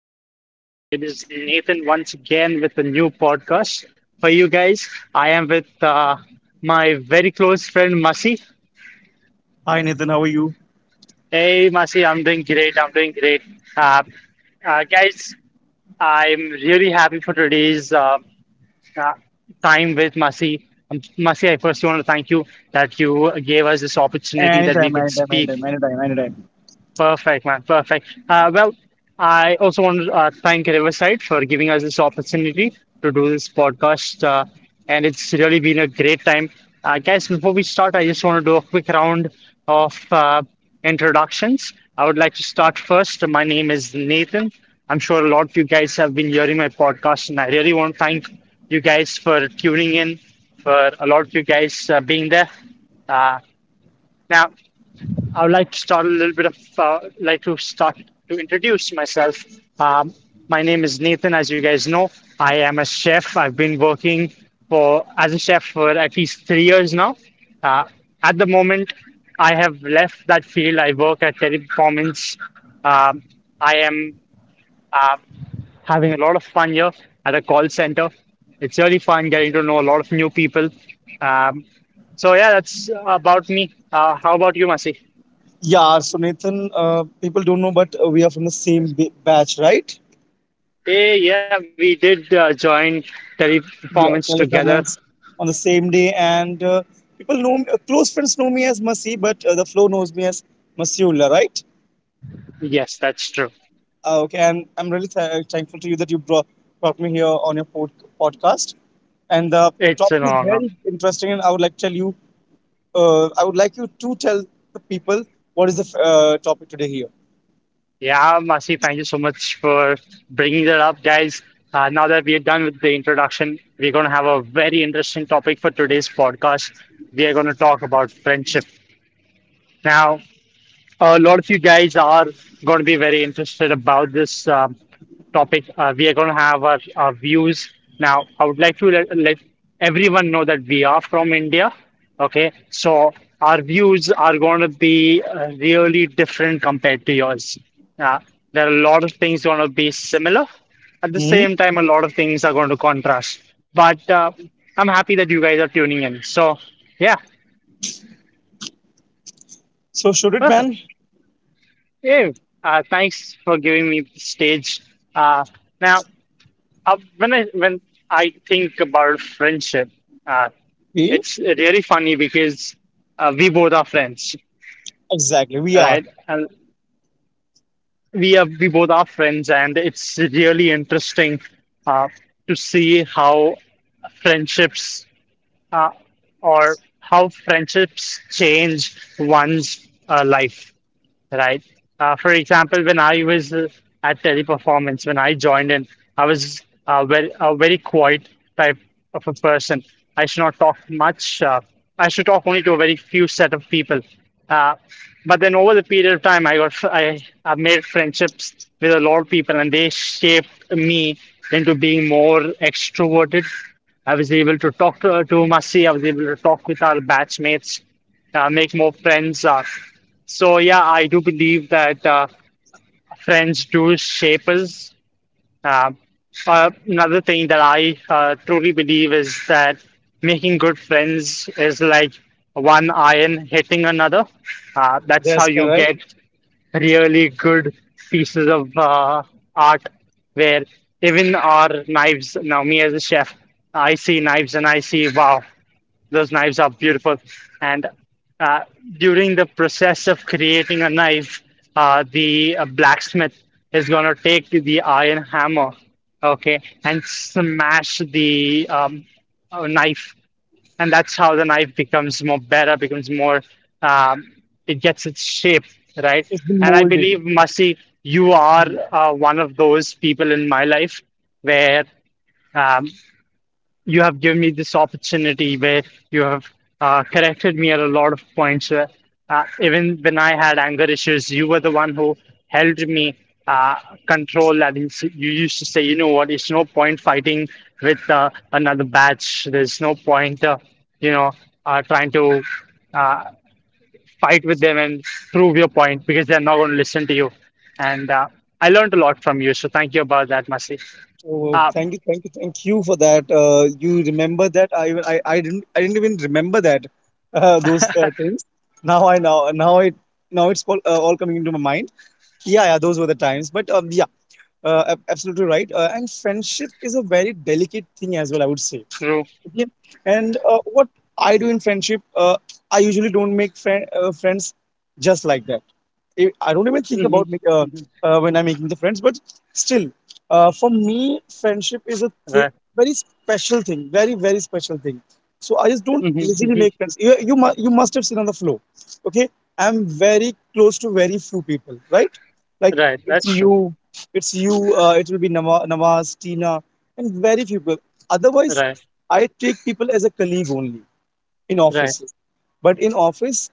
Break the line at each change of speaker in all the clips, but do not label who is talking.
How are you all doing? It is Nathan once again with a new podcast for you guys. I am with my very close friend Masi.
Hi Nathan, how are you?
Hey Masi, I'm doing great. I'm doing great. Uh, Guys, I'm really happy for today's uh, time with Masi. Masi, I first want to thank you that you gave us this opportunity that we
Anytime,
could
anytime,
speak.
anytime, anytime, anytime.
Perfect, man. Perfect. Well, I also want to thank Riverside for giving us this opportunity to do this podcast. And it's really been a great time. Guys, before we start, I just want to do a quick round of introductions. I would like to start first. My name is Nathan. I'm sure a lot of you guys have been hearing my podcast, and I really want to thank you guys for tuning in, for a lot of you guys being there. Uh, now, I would like to start a little bit of, like to start to introduce myself. Um, my name is Nathan, as you guys know. I am a chef. I've been working for as a chef for at least 3 years now. Uh, at the moment, I have left that field. I work at Teleperformance. Um, I am uh, having a lot of fun here at a call center. It's really fun getting to know a lot of new people. Um, so yeah, that's about me. How about you, Masi?
Yeah, so Nathan, people don't know, but we are from the same batch, right?
Eh, yeah, we did join Teleperformance
Yeah,
together.
teleperformance on the same day, and people know me, close friends know me as Masi, but the flow knows me as Masiullah, right?
Yes, that's true.
Okay, and I'm really thankful to you that you brought me here on your podcast, and the
It's an
topic is
honor.
very interesting, and I would like to tell you, I would like you to tell the people what is the topic today
Yeah, Masi, thank you so much for bringing that up, guys. Now that we are done with the introduction, we're going to have a very interesting topic for today's podcast. We are going to talk about friendship. Now, a lot of you guys are going to be very interested about this topic. We are going to have our views. Now, I would like to let everyone know that we are from India. Okay, so our views are going to be really different compared to yours. Uh, there are a lot of things going to be similar. At the
here.
same time, a lot of things are going to contrast. But I'm happy that you guys are tuning in. So, yeah,
So should it ban?
perfect. Yeah, thanks for giving me the stage. Uh, now, when I think about friendship, uh,
We
it's really funny because we both are friends,
Exactly we are.
right? And we both are friends, and it's really interesting uh, to see how friendships uh, change one's life. Right? For example, when I was at Teleperformance, when I joined in, I was a very quiet type of a person. I should not talk much. I should talk only to a very few set of people. Uh, but then over the period of time, I made friendships with a lot of people, and they shaped me into being more extroverted. I was able to talk to Masi. I was able to talk with our batchmates, make more friends. So yeah, I do believe that friends do shape us. Uh, Another thing that I truly believe is that making good friends is like one iron hitting another. That's how
That's
you
correct.
get really good pieces of art, where even our knives. Now, me as a chef, I see knives and I see wow. Those knives are beautiful. And uh, during the process of creating a knife, the blacksmith is going to take the iron hammer, okay, and smash the knife. And that's how the knife becomes more better, becomes more, um, it gets its shape, right?
It's been
And I
molded.
believe, Masi, you are
Hmm.
one of those people in my life where um, you have given me this opportunity where you have corrected me at a lot of points where even when I had anger issues, you were the one who held me uh, control. And you used to say, you know what, it's no point fighting with another batch. There's no point, you know, trying to uh, fight with them and prove your point because they're not going to listen to you. And I learned a lot from you. So thank you about that, Masi.
So
Uh,
thank you, thank you, thank you for that. You remember that? I even I didn't even remember that those things. Now I now now it now it's all coming into my mind. Yeah, yeah, those were the times. But yeah, absolutely right. And friendship is a very delicate thing as well, I would say.
true.
Yeah. And what I do in friendship, I usually don't make friends just like that. I don't even think
Hmm
about
hmm
when I'm making the friends, but still, for me, friendship is a
Right.
very special thing, very very special thing. So I just don't
Mhm,
easily
mhm.
make friends. You must have seen on the flow. Okay, I'm very close to very few people, right? Like
Right,
it's
that's true.
you, it's you. It will be Nama, Nawaz, Tina, and very few people. Otherwise,
Right,
I take people as a colleague only in
right.
offices. But in office,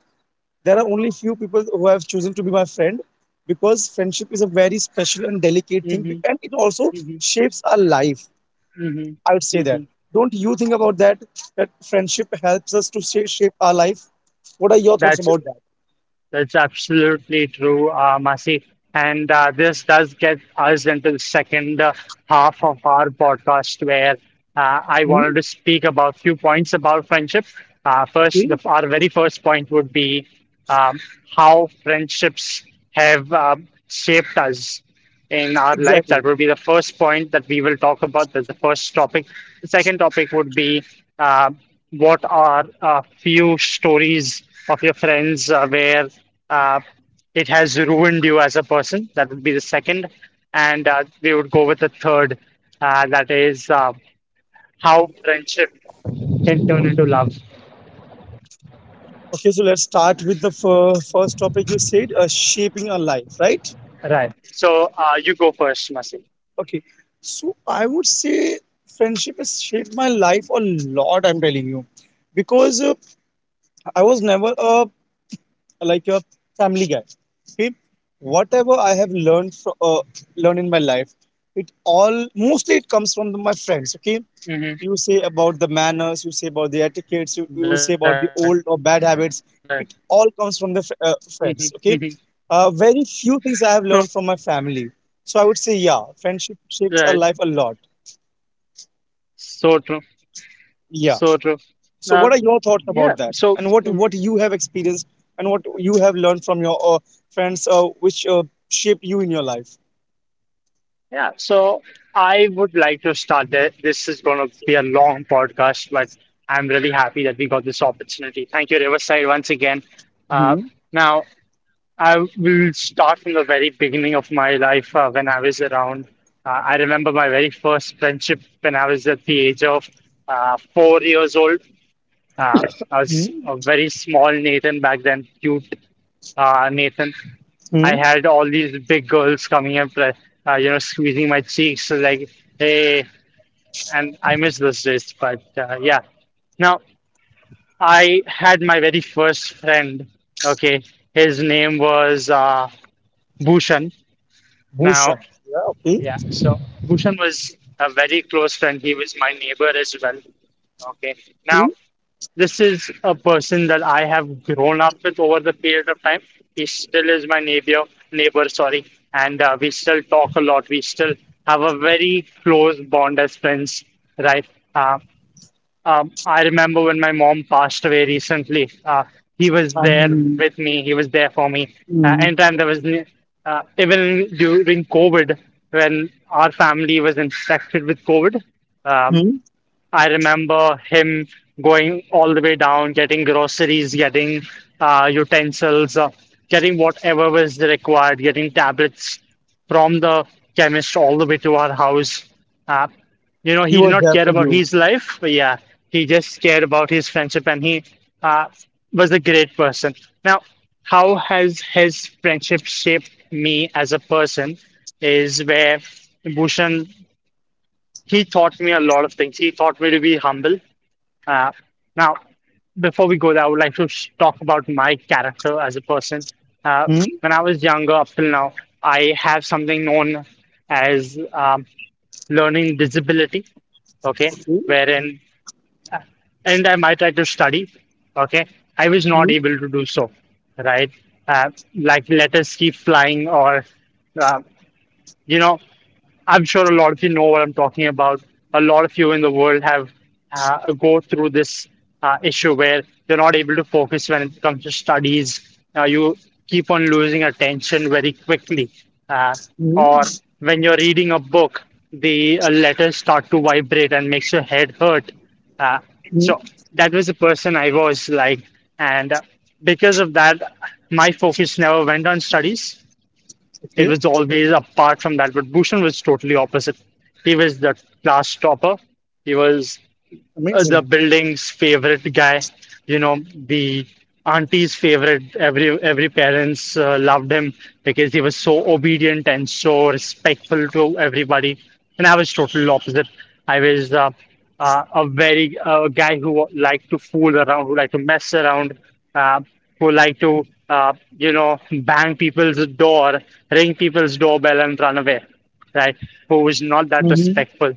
there are only few people who have chosen to be my friend because friendship is a very special and delicate thing
hmm
and it also
hmm
shapes our life,
hmm
I would say that.
hmm
Don't you think about that? That friendship helps us to shape our life? What are your thoughts
That's
about that?
that's absolutely true, Masi. And this does get us into the second half of our podcast, where I wanted
Hmm,
to speak about few points about friendship. First,
okay,
our very first point would be um, how friendships have shaped us in our life. That
exactly.
would be the first point that we will talk about. That's the first topic. The second topic would be uh, what are a few stories of your friends where uh, it has ruined you as a person. That would be the second. And we would go with the third, that is how friendship can turn into love.
Okay, so let's start with the first topic you said shaping our life, right?
Right. So you go first, Masi.
Okay. So I would say friendship has shaped my life a lot, I'm telling you. Because I was never a like a family guy, okay, whatever I have learned from learned in my life, it all mostly it comes from my friends, okay. You
Hmm
say about the manners, you say about the etiquettes, you
Right.
say about the old
Right.
or bad habits, it all
hmm
comes from the
hmm
friends, okay. Uh, very
True.
few things I have learned from my family, so I would say yeah,
Right.
friendship shapes our life a lot.
So true. So true.
Yeah.
Uh,
So, what
yeah.
are your
So
thoughts about
mm,
that, and what you have experienced, and what you have learned from your friends, which shaped you in your life?
yeah. So I would like to start there. This is going to be a long podcast, but I'm really happy that we got this opportunity. Thank you, Riverside, once again. Uh,
Hmm.
now I will start from the very beginning of my life when I was around. I remember my very first friendship when I was at the age of 4 years old. I was
Hmm.
a very small Nathan back then, cute Nathan. I
Hmm.
had all these big girls coming and you know squeezing my cheeks so like hey, and I miss those days. But yeah, now I had my very first friend. Okay, his name was Bhushan.
Bhushan.
Now
Yeah. Okay.
yeah, so Bhushan was a very close friend. He was my neighbor as well. Okay.
Hmm.
Now, this is a person that I have grown up with over the period of time. He still is my neighbor, neighbor, sorry, and we still talk a lot. We still have a very close bond as friends, right? Uh, I remember when my mom passed away recently. He was there
And,
with me. He was there for me.
hmm.
Anytime there was, even during COVID, when our family was infected with COVID, um,
Hmm.
I remember him going all the way down, getting groceries, getting utensils, getting whatever was required, getting tablets from the chemist all the way to our house. Uh, you know,
He
he did
was
not
there
care
for
about
you.
his life. But yeah, he just cared about his friendship, and he uh, was a great person. Now, how has his friendship shaped me as a person is where Bhushan he taught me a lot of things. He taught me to be humble. Uh, now, before we go there, I would like to talk about my character as a person. Uh,
Hmm.
when I was younger, up till now, I have something known as learning disability. Okay,
Okay.
wherein and I might try to study. Okay, I was not
Hmm.
able to do so. Right, like letters keep flying, or uh, you know. I'm sure a lot of you know what I'm talking about. A lot of you in the world have go through this issue where you're not able to focus when it comes to studies. You keep on losing attention very quickly, uh,
Hmm.
or when you're reading a book, the letters start to vibrate and makes your head hurt. Uh,
Hmm.
so that was the person I was like, and because of that, my focus never went on studies. It
Okay.
was always apart from that, but Bhushan was totally opposite. He was the class topper. He was the
Amazing.
building's favorite guy, you know, the auntie's favorite. Every parents loved him because he was so obedient and so respectful to everybody. And I was total opposite. I was a very guy who liked to fool around, who liked to mess around, uh, who liked to you know bang people's door, ring people's doorbell, and run away. Right? Who was not that
Hmm.
respectful.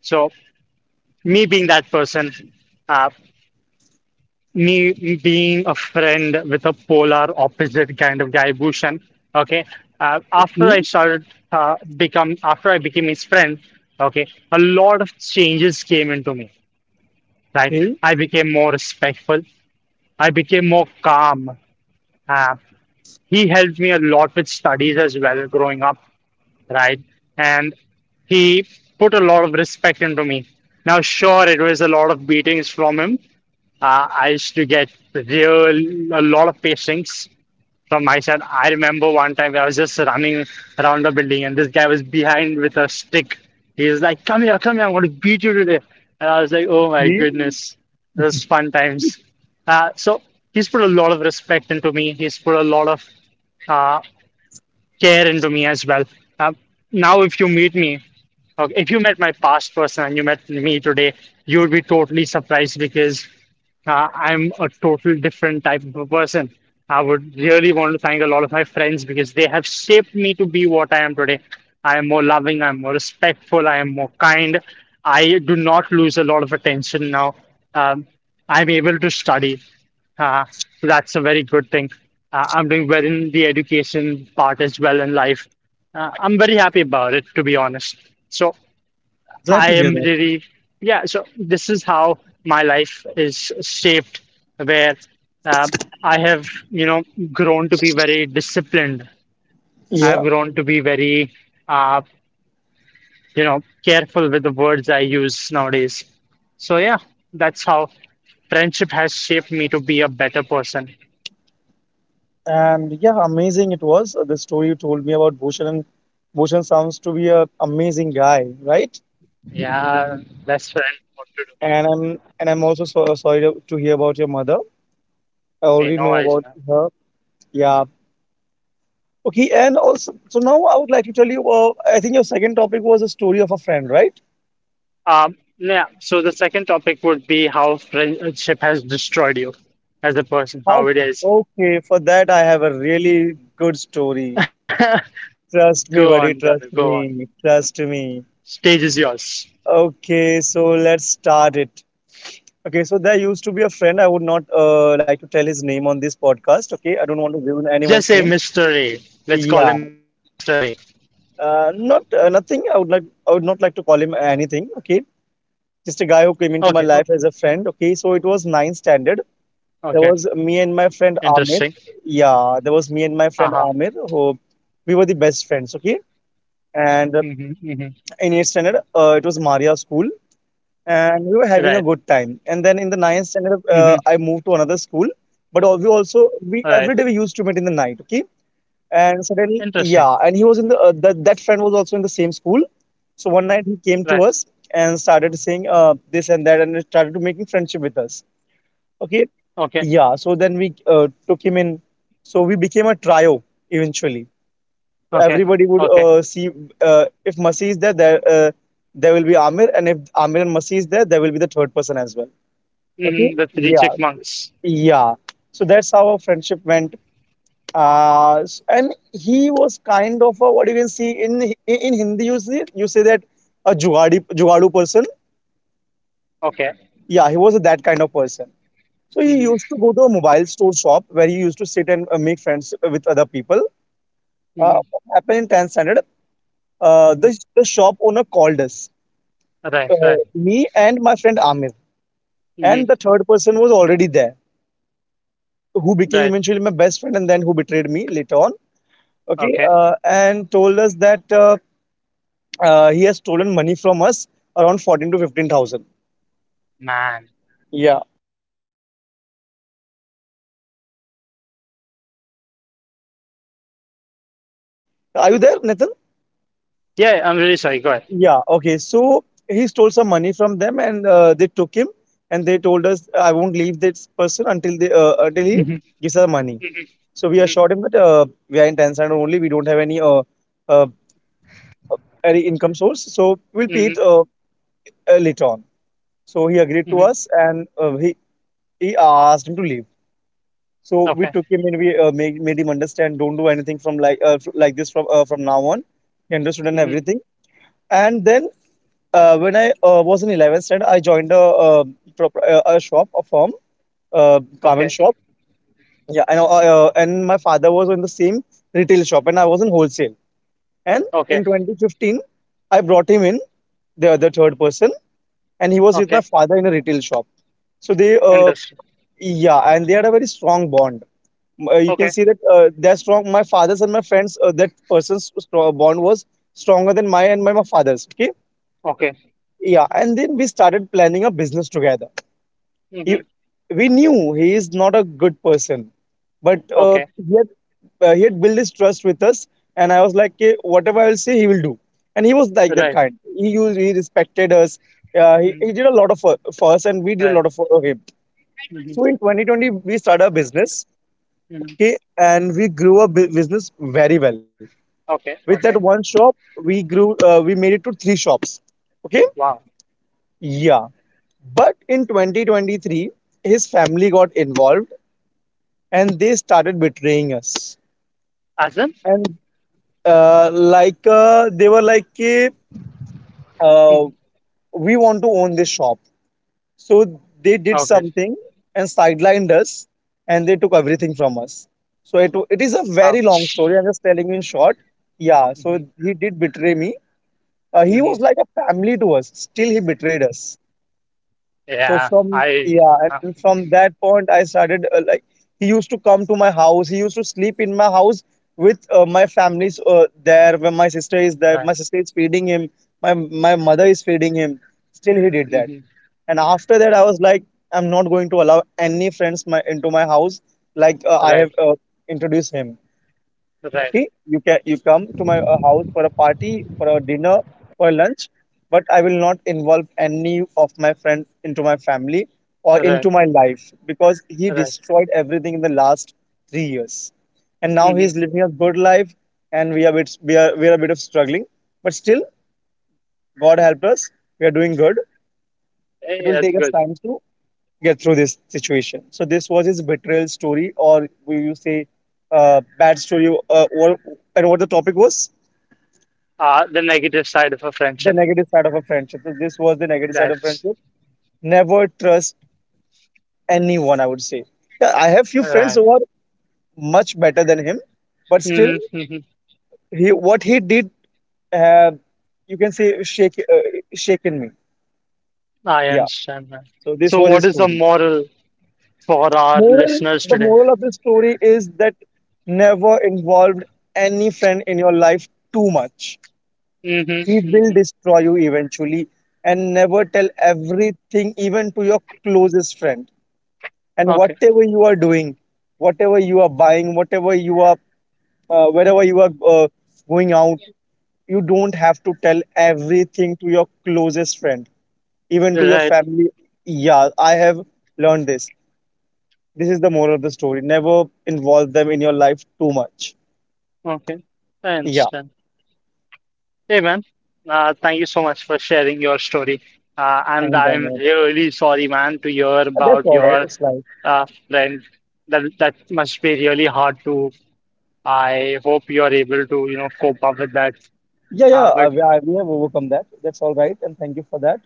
So me being that person, uh, me being a friend with a polar opposite kind of guy, Bhushan. Okay, uh, after I
Hmm.
started after I became his friend, okay, a lot of changes came into me. Right,
Okay.
I became more respectful. I became more calm. Uh, he helped me a lot with studies as well growing up. Right, and he put a lot of respect into me. Now, sure, it was a lot of beatings from him. I used to get real a lot of patience from my side. I remember one time I was just running around the building and this guy was behind with a stick. He was like, "Come here, come here! I'm going to beat you today." And I was like, "Oh my
Yeah.
goodness, it was fun times." So he's put a lot of respect into me. He's put a lot of uh, care into me as well. Uh, now, if you meet me, okay, if you met my past person and you met me today, you would be totally surprised because I'm a total different type of a person. I would really want to thank a lot of my friends because they have shaped me to be what I am today. I am more loving, I'm more respectful, I am more kind. I do not lose a lot of attention now. Um, I'm able to study. Uh, that's a very good thing. I'm doing well in the education part as well in life. I'm very happy about it, to be honest. So
Glad
I
to hear
am
that.
really, yeah, so this is how my life is shaped, where uh, I have, grown to be very disciplined. I've
Yeah.
grown to be very, uh, careful with the words I use nowadays. So yeah, that's how friendship has shaped me to be a better person.
And yeah, amazing it was. The story you told me about Bhushan. And Bhushan sounds to be a amazing guy, right?
Yeah, best friend, what to do?
And I'm also so sorry to hear about your mother. I
Hey,
already
no
know
worries,
about
man.
her. Yeah. Okay. And also, so now I would like to tell you. I think your second topic was a story of a friend, right?
Yeah, so the second topic would be how friendship has destroyed you as a person,
How?
how it is.
Okay. For that, I have a really good
Go
story.
on,
Trust me,
Donna,
buddy.
go on.
Trust me. Trust me.
Stage is yours.
Okay. So let's start it. Okay. So there used to be a friend. I would not like to tell his name on this podcast. Okay. I don't want to ruin
Just
anyone's
say
name.
mystery. Let's call
Yeah.
him mystery.
Not nothing. I would not like to call him anything. Okay, just a guy who came into my
Okay,
life as a
okay,
friend. Okay, so it was ninth standard. There was
okay.
me and my friend Amir.
Interesting.
Yeah, there was me and my friend
Uh-huh.
Amir who we were the best friends. Okay, and
Hmm, hmm.
in eighth standard, it was Maria school, and we were having a
Right.
good time. And then in the ninth standard,
Hmm.
I moved to another school. But we also we every day
Right.
we used to meet in the night. Okay, and suddenly, yeah,
Interesting.
and he was in the that friend was also in the same school. So one night he came to us
Right.
and started saying this and that, and started to making friendship with us. Okay,
Okay,
yeah. So then we took him in. So we became a trio eventually.
okay,
Everybody would
okay.
see if Masi is there, there there will be Amir, and if Amir and Masi is there, there will be the third person as well. Okay,
Hmm. The three
yeah,
check marks.
yeah. So that's how our friendship went and he was kind of a, what you can see in Hindi you see you say that, a jugadi jugadu person.
Okay.
Yeah, he was that kind of person. So he used to go to
Hmm.
a mobile store shop where he used to sit and make friends with other people. Uh, what
Hmm.
happened in 10th standard, uh, the, the
Hmm.
shop owner called us,
Right, right.
me and my friend Amir, and the
Mm-hmm.
third person was already there,
Right.
who became eventually my best friend and then who betrayed me later on, okay,
Okay.
and told us that he has stolen money from us around 14 to 15,000.
Man.
Yeah. Are you there, Nathan?
Yeah, I'm really sorry. Go ahead.
Yeah. Okay. So he stole some money from them and they took him and they told us, I won't leave this person until he
Mhm,
gives us money.
mhm,
So we
mhm,
assured him that we are in Tanzania only. We don't have uh, any income source. So we'll pay
mhm,
it later on. So he
mhm.
agreed to us and he asked him to leave. So
Okay.
we took him and we made him understand don't do anything from like like this from now on. He understood and
Mhm.
everything. And then when I was in 11th standard, I joined a shop, a firm,
Okay.
garment shop. Yeah, and my father was in the same retail shop, and I was in wholesale. And
Okay.
in 2015, I brought him in, the other third person, and he was with
Okay.
my father in a retail shop. So
Interesting.
yeah, and they had a very strong bond. You can
Okay.
see that they're strong. My father's and my friends, that person's strong bond was stronger than my and my father's. Okay.
Okay.
Yeah. And then we started planning a business together. he,
Hmm.
we knew he is not a good person, but
Okay.
he had he had built his trust with us, and I was like, "Okay, whatever I will say he will do." And he was like that kind,
Right.
he used, he respected us. Uh, he
Mhm.
did a lot of for us and we did a
Right.
lot of for him. So in
Hmm.
2020 we started a business,
Hmm.
okay, and we grew business very well. With
Okay.
that one
Okay.
shop, we grew, we made it to three shops, okay,
Wow.
yeah. But in 2023, his family got involved and they started betraying us,
Awesome.
and like they were like, "Ki, uh,
Hmm.
we want to own this shop." So they did
Okay.
something and sidelined us, and they took everything from us. So it is a very long
Ouch.
story, I'm just telling you in short. Yeah, so
Hmm.
he did betray me. Uh, he was like
Hmm.
a family to us, still he betrayed us. So
Yeah.
from
I.
yeah,
Uh,
and from that point, I started, like, he used to come to my house. He used to sleep in my house with my family's there. When my sister is there,
uh,
my sister is feeding him. My mother is feeding him. Still, he did that.
hmm
And after that, I was like, I'm not going to allow any friends my into my house. Like I have
Right.
introduced him,
Right.
okay. You can you come to my house for a party, for a dinner, for a lunch, but I will not involve any of my friends into my family or
Right.
into my life because he
Right.
destroyed everything in the last 3 years, and now he's
Hmm.
living a good life, and we are a bit of struggling, but still, god help us, we are doing good. It
Hey,
will
that's
take us
good.
time to get through this situation. So this was his betrayal story, or will you say, bad story? And what the topic was?
The negative side of a
The
friendship.
negative side of a friendship. So this was the negative side of
That's
friendship. Never trust anyone, I would say. Yeah, I have few friends
right.
who are much better than him, but still,
Mm-hmm, mm-hmm.
he what he did, uh, you can say, shaken me.
I
Yeah.
understand that.
So this
So,
was
what
his
is the
story.
moral for our listeners
The
today?
moral of this story is that never involved any friend in your life too much.
Mm-hmm.
He will
Mm-hmm.
destroy you eventually, and never tell everything, even to your closest friend. And
Okay.
whatever you are doing, whatever you are buying, whatever you are, wherever you are going out, you don't have to tell everything to your closest friend, even to your
Right.
family. Yeah, I have learned this. This is the moral of the story. Never involve them in your life too much.
Okay. I
Yeah.
understand. Hey, man. Thank you so much for sharing your story. And
And I
I'm
know that.
really sorry, man, to hear
But that's
about
all right,
your
it's life.
friend. That that must be really hard to. I hope you are able to, you know, cope up with that.
Yeah, yeah.
But
We have overcome that. That's all right. And thank you for that.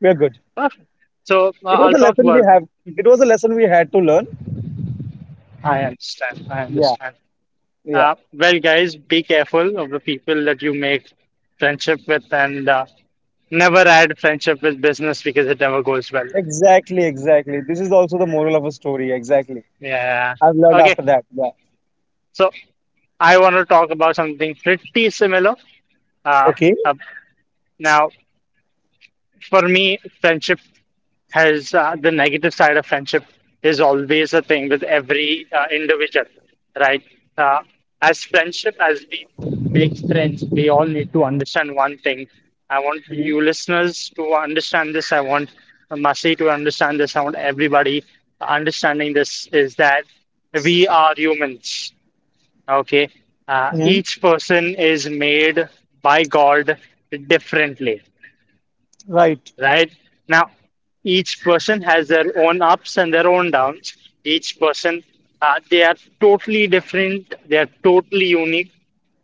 We are good.
uh, so
It was
I'll
a
talk
lesson we
about.
have. It
Mhm.
was a lesson we had to learn.
I understand. I
Yeah.
understand.
Yeah.
Well, guys, be careful of the people that you make friendship with and never add friendship with business because it never goes well.
Exactly. Exactly. This is also the moral of a story. Exactly.
Yeah.
I've learned
Okay.
after that. Yeah.
So I want to talk about something pretty similar. Uh,
Okay.
uh, now, for me, friendship has the negative side of friendship is always a thing with every individual, right? Uh, as friendship, as we make friends, we all need to understand one thing. I want
Mm-hmm.
you listeners to understand this. I want Masi to understand this. I want everybody understanding this is that we are humans. Okay.
Hmm.
Each person is made by God differently,
Right.
right? Now, each person has their own ups and their own downs. Each person, they are totally different. They are totally unique.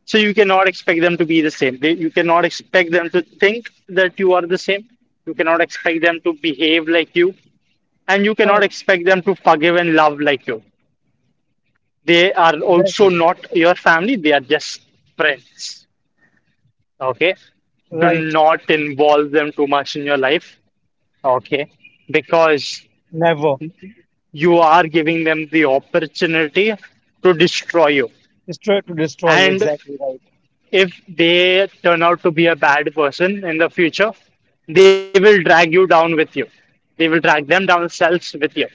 So you cannot expect them to be the same. They, you cannot expect them to think that you are the same. You cannot expect them to behave like you. And you cannot
Right.
expect them to forgive and love like you. They are also
Exactly.
not your family. They are just friends. Okay? Do
Right.
not involve them too much in your life, okay, because
Never.
you are giving them the opportunity to destroy you.
It's try to destroy you.
And
Exactly right.
if they turn out to be a bad person in the future, they will drag you down with you. They will drag them down cells with you,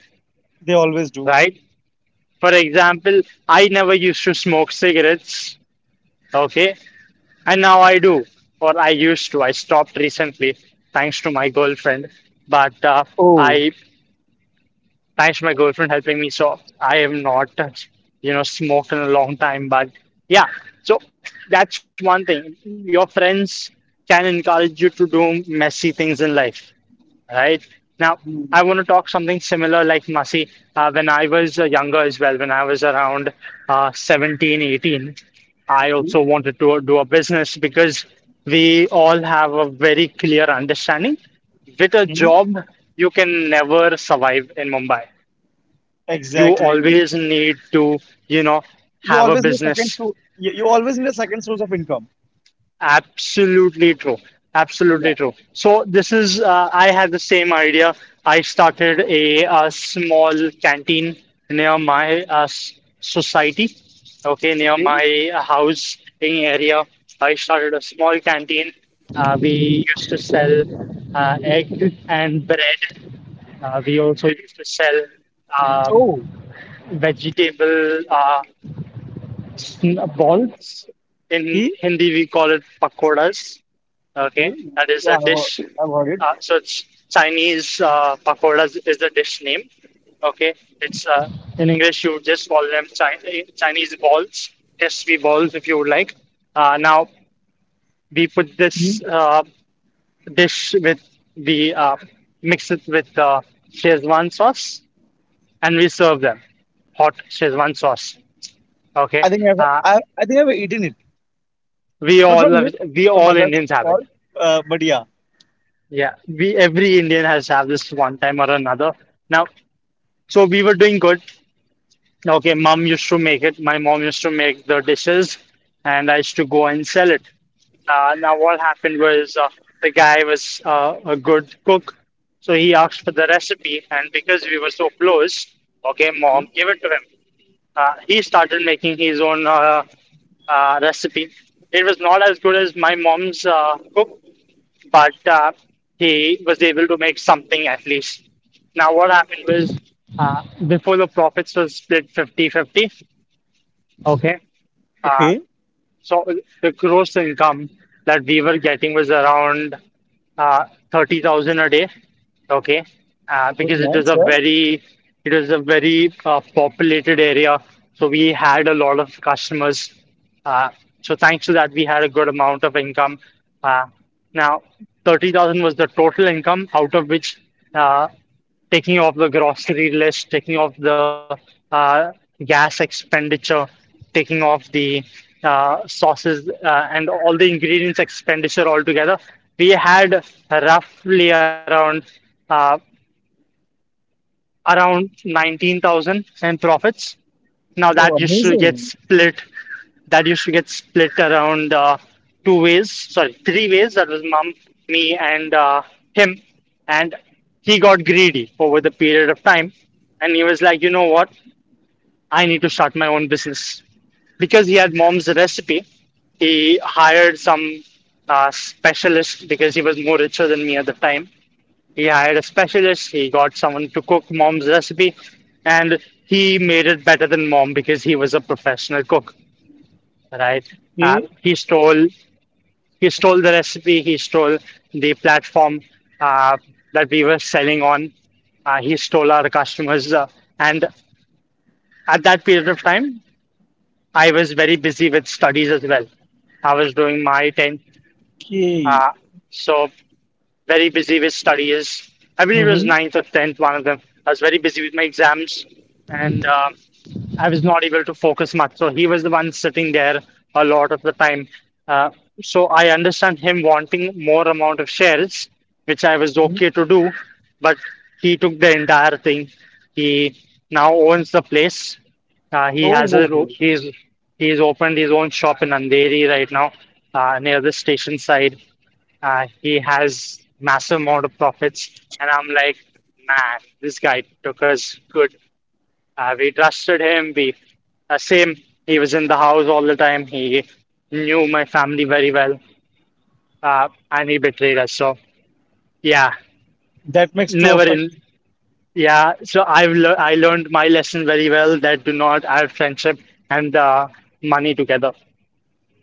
They always do.
right? For example, I never used to smoke cigarettes, okay? And now I do, or I used to. I stopped recently thanks to my girlfriend, but
Oh.
I thanks to my girlfriend helping me. So I have not, you know, smoked in a long time. But yeah, so that's one thing. Your friends can encourage you to do messy things in life, right? Now, I want to talk something similar like messy. When I was younger as well, when I was around 17, 18, I
Okay.
also wanted to do a business because we all have a very clear understanding. With a
Mhm.
job, you can never survive in Mumbai. You
Exactly.
always need to, you know, have a business.
You, you always need a second source of income.
Absolutely true.
Yeah.
Absolutely true. So this is, I had the same idea. I started a, uh, small canteen near my society, okay, near
Okay.
my house in area. I started a small canteen. We used to sell egg and bread. We also used to sell um,
Oh.
vegetable. Sn- balls. In
Okay.
Hindi, we call it pakoras. Okay,
Okay.
that is a
Yeah,
dish.
I've heard it.
So it's Chinese pakoras is the dish name. Okay, it's in English you just call them Chi- Chinese balls, S V balls if you would like. Now we put
Mhm.
this dish with the mix it with Szechuan sauce and we serve them hot Szechuan sauce. Okay, uh,
I think I've eaten it.
we
Not
all
from you,
have, we
from
all
others.
Indians have
All.
it.
But yeah.
Yeah, we every Indian has have this one time or another. Now, so we were doing good. Okay, mom used to make it. My mom used to make the dishes, and I used to go and sell it. Now, what happened was the guy was a good cook, so he asked for the recipe, and because we were so close, okay,
Mhm.
mom gave it to him. He started making his own recipe. It was not as good as my mom's cook, but he was able to make something at least. Now, what happened was before the profits was split 50-50, okay, uh,
Okay.
so uh, the gross income that we were getting was around uh, 30,000 a day. Okay. Uh,
It was
because it was
nice,
a
yeah.
very, it was a very populated area. So we had a lot of customers. Uh, so thanks to that, we had a good amount of income. Uh, now, 30,000 was the total income, out of which uh, taking off the grocery list, taking off the uh, gas expenditure, taking off the sauces and all the ingredients expenditure altogether, we had roughly uh, around 19,000 in profits. Now that
Oh,
used to get
amazing.
split, that used to get split around two ways, sorry, three ways. That was mom, me, and him. And he got greedy over the period of time, and he was like, you know what? I need to start my own business because he had mom's recipe. He hired some specialist because he was more richer than me at the time. He hired a specialist, he got someone to cook mom's recipe, and he made it better than mom because he was a professional cook, right? Uh,
Okay.
he stole he stole the recipe, he stole the platform uh, that we were selling on. He stole our customers, and at that period of time, I was very busy with studies as well. I was doing my 10.
Okay.
Uh, so very busy with studies. I believe it
Mm-hmm.
was ninth or tenth, one of them. I was very busy with my exams, and I was not able to focus much. So he was the one sitting there a lot of the time. Uh, so I understand him wanting more amount of shares, which I was okay to do, but he took the entire thing. He now owns the place. He
Oh,
has a
oh,
ro-
oh.
he's opened his own shop in Andheri right now, near the station side. He has massive amount of profits, and I'm like, man, this guy took us good. We trusted him. We same. He was in the house all the time. He knew my family very well, and he betrayed us. So yeah,
That makes two
never
of us.
in. Yeah, so I've lear I learned my lesson very well that do not add friendship and money together.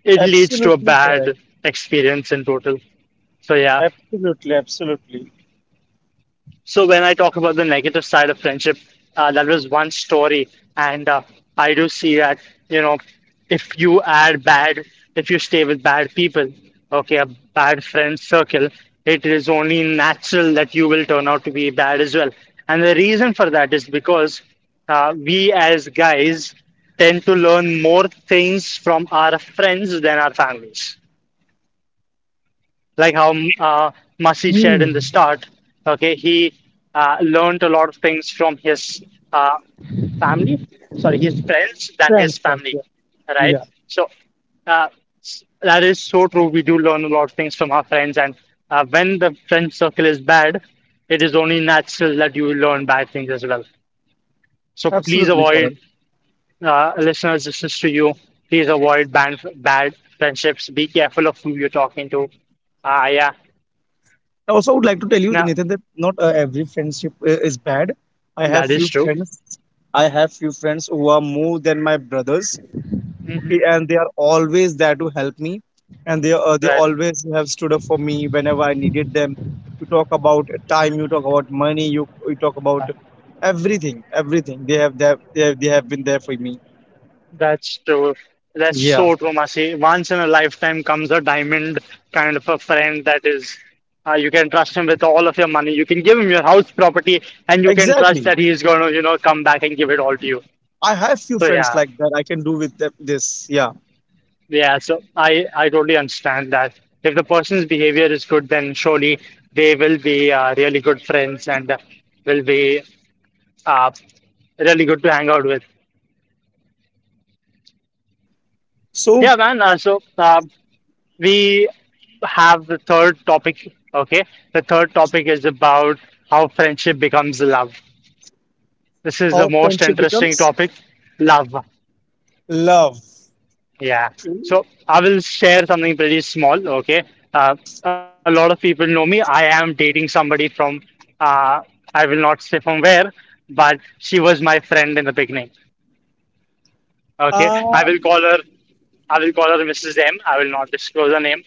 It leads to a
Absolutely correct.
bad experience in total. So yeah.
Absolutely, absolutely.
So when I talk about the negative side of friendship, that was one story, and I do see that, you know, if you add bad, if you stay with bad people, okay, a bad friend circle, it is only natural that you will turn out to be bad as well. And the reason for that is because we as guys tend to learn more things from our friends than our families, like how uh, Masi shared
Hmm.
in the start, okay, he learned a lot of things from his uh, family, friends than
Friends
his
first,
family,
yeah.
right? So uh, that is so true. We do learn a lot of things from our friends, and when the friend circle is bad, it is only natural that you learn bad things as well. So please
Absolutely correct.
avoid, listeners, this is to you. Please avoid bad, bad friendships. Be careful of who you're talking to. Ah, yeah.
I also would like to tell you,
Now,
Nathan, that not every friendship is bad. I have
that is
few
true.
friends. I have few friends who are more than my brothers.
Mhm.
Okay, and they are always there to help me, and they
That
always have stood up for me whenever I needed them. You talk about time, you talk about money, you talk about everything, everything. They have, they have been there for me.
that's true. That's
Yeah,
so true, Masi. Once in a lifetime comes a diamond kind of a friend that is you can trust him with all of your money. You can give him your house property and you can trust
exactly.
that he is going to, you know, come back and give it all to you.
I have few
So
friends
yeah.
like that. I can do with them this. Yeah.
Yeah, so I totally understand that. If the person's behavior is good, then surely they will be really good friends and will be uh, really good to hang out with.
So
Yeah, man. We have the third topic. Okay, the third topic is about how friendship becomes love. This is the
how
most
friendship
interesting
becomes
topic, love.
love.
Yeah.
True.
So I will share something pretty small. Okay. Uh, a lot of people know me. I am dating somebody from. Uh, I will not say from where, but she was my friend in the beginning. Okay, I will
Um,
call her. I will call her Mrs. M. I will not disclose her name.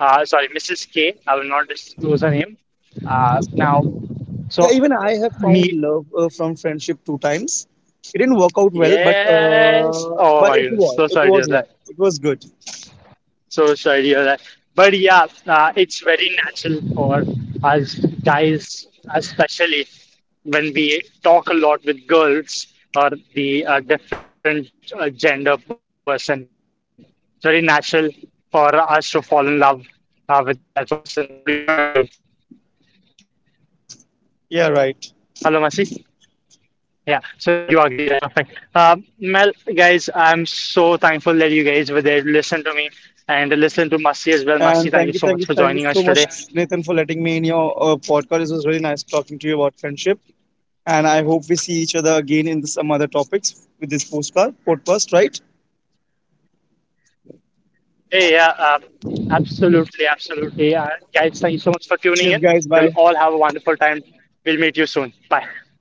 Sorry, Mrs. K. I will not disclose her name. Uh, now,
yeah,
so
even I have
me.
found love from friendship 2 times. It didn't work out well,
Yes. Oh
but
my goodness. So
it
sorry,
was
dear.
well. It was good.
So sorry about that. But yeah, it's very natural for us guys, especially when we talk a lot with girls or the different gender person. It's very natural for us to fall in love with that person. Would you not agree?
Yeah, right.
Hello, Masi? Yeah, so you agree, right? Perfect. Mel, guys, I'm so thankful that you guys were there to listen to me and listen to Masi as well. Masi,
And
thank
thank
you
you,
so
thank you,
much for
thank you
joining
so
us
much,
today.
Nathan, for letting me in your podcast. It was really nice talking to you about friendship, and I hope we see each other again in some other topics with this postcard podcast, right?
Hey, yeah, absolutely, absolutely. Guys, thank you so much for
Cheers,
tuning in.
guys. Bye.
You'll all have a wonderful time. We'll meet you soon. Bye.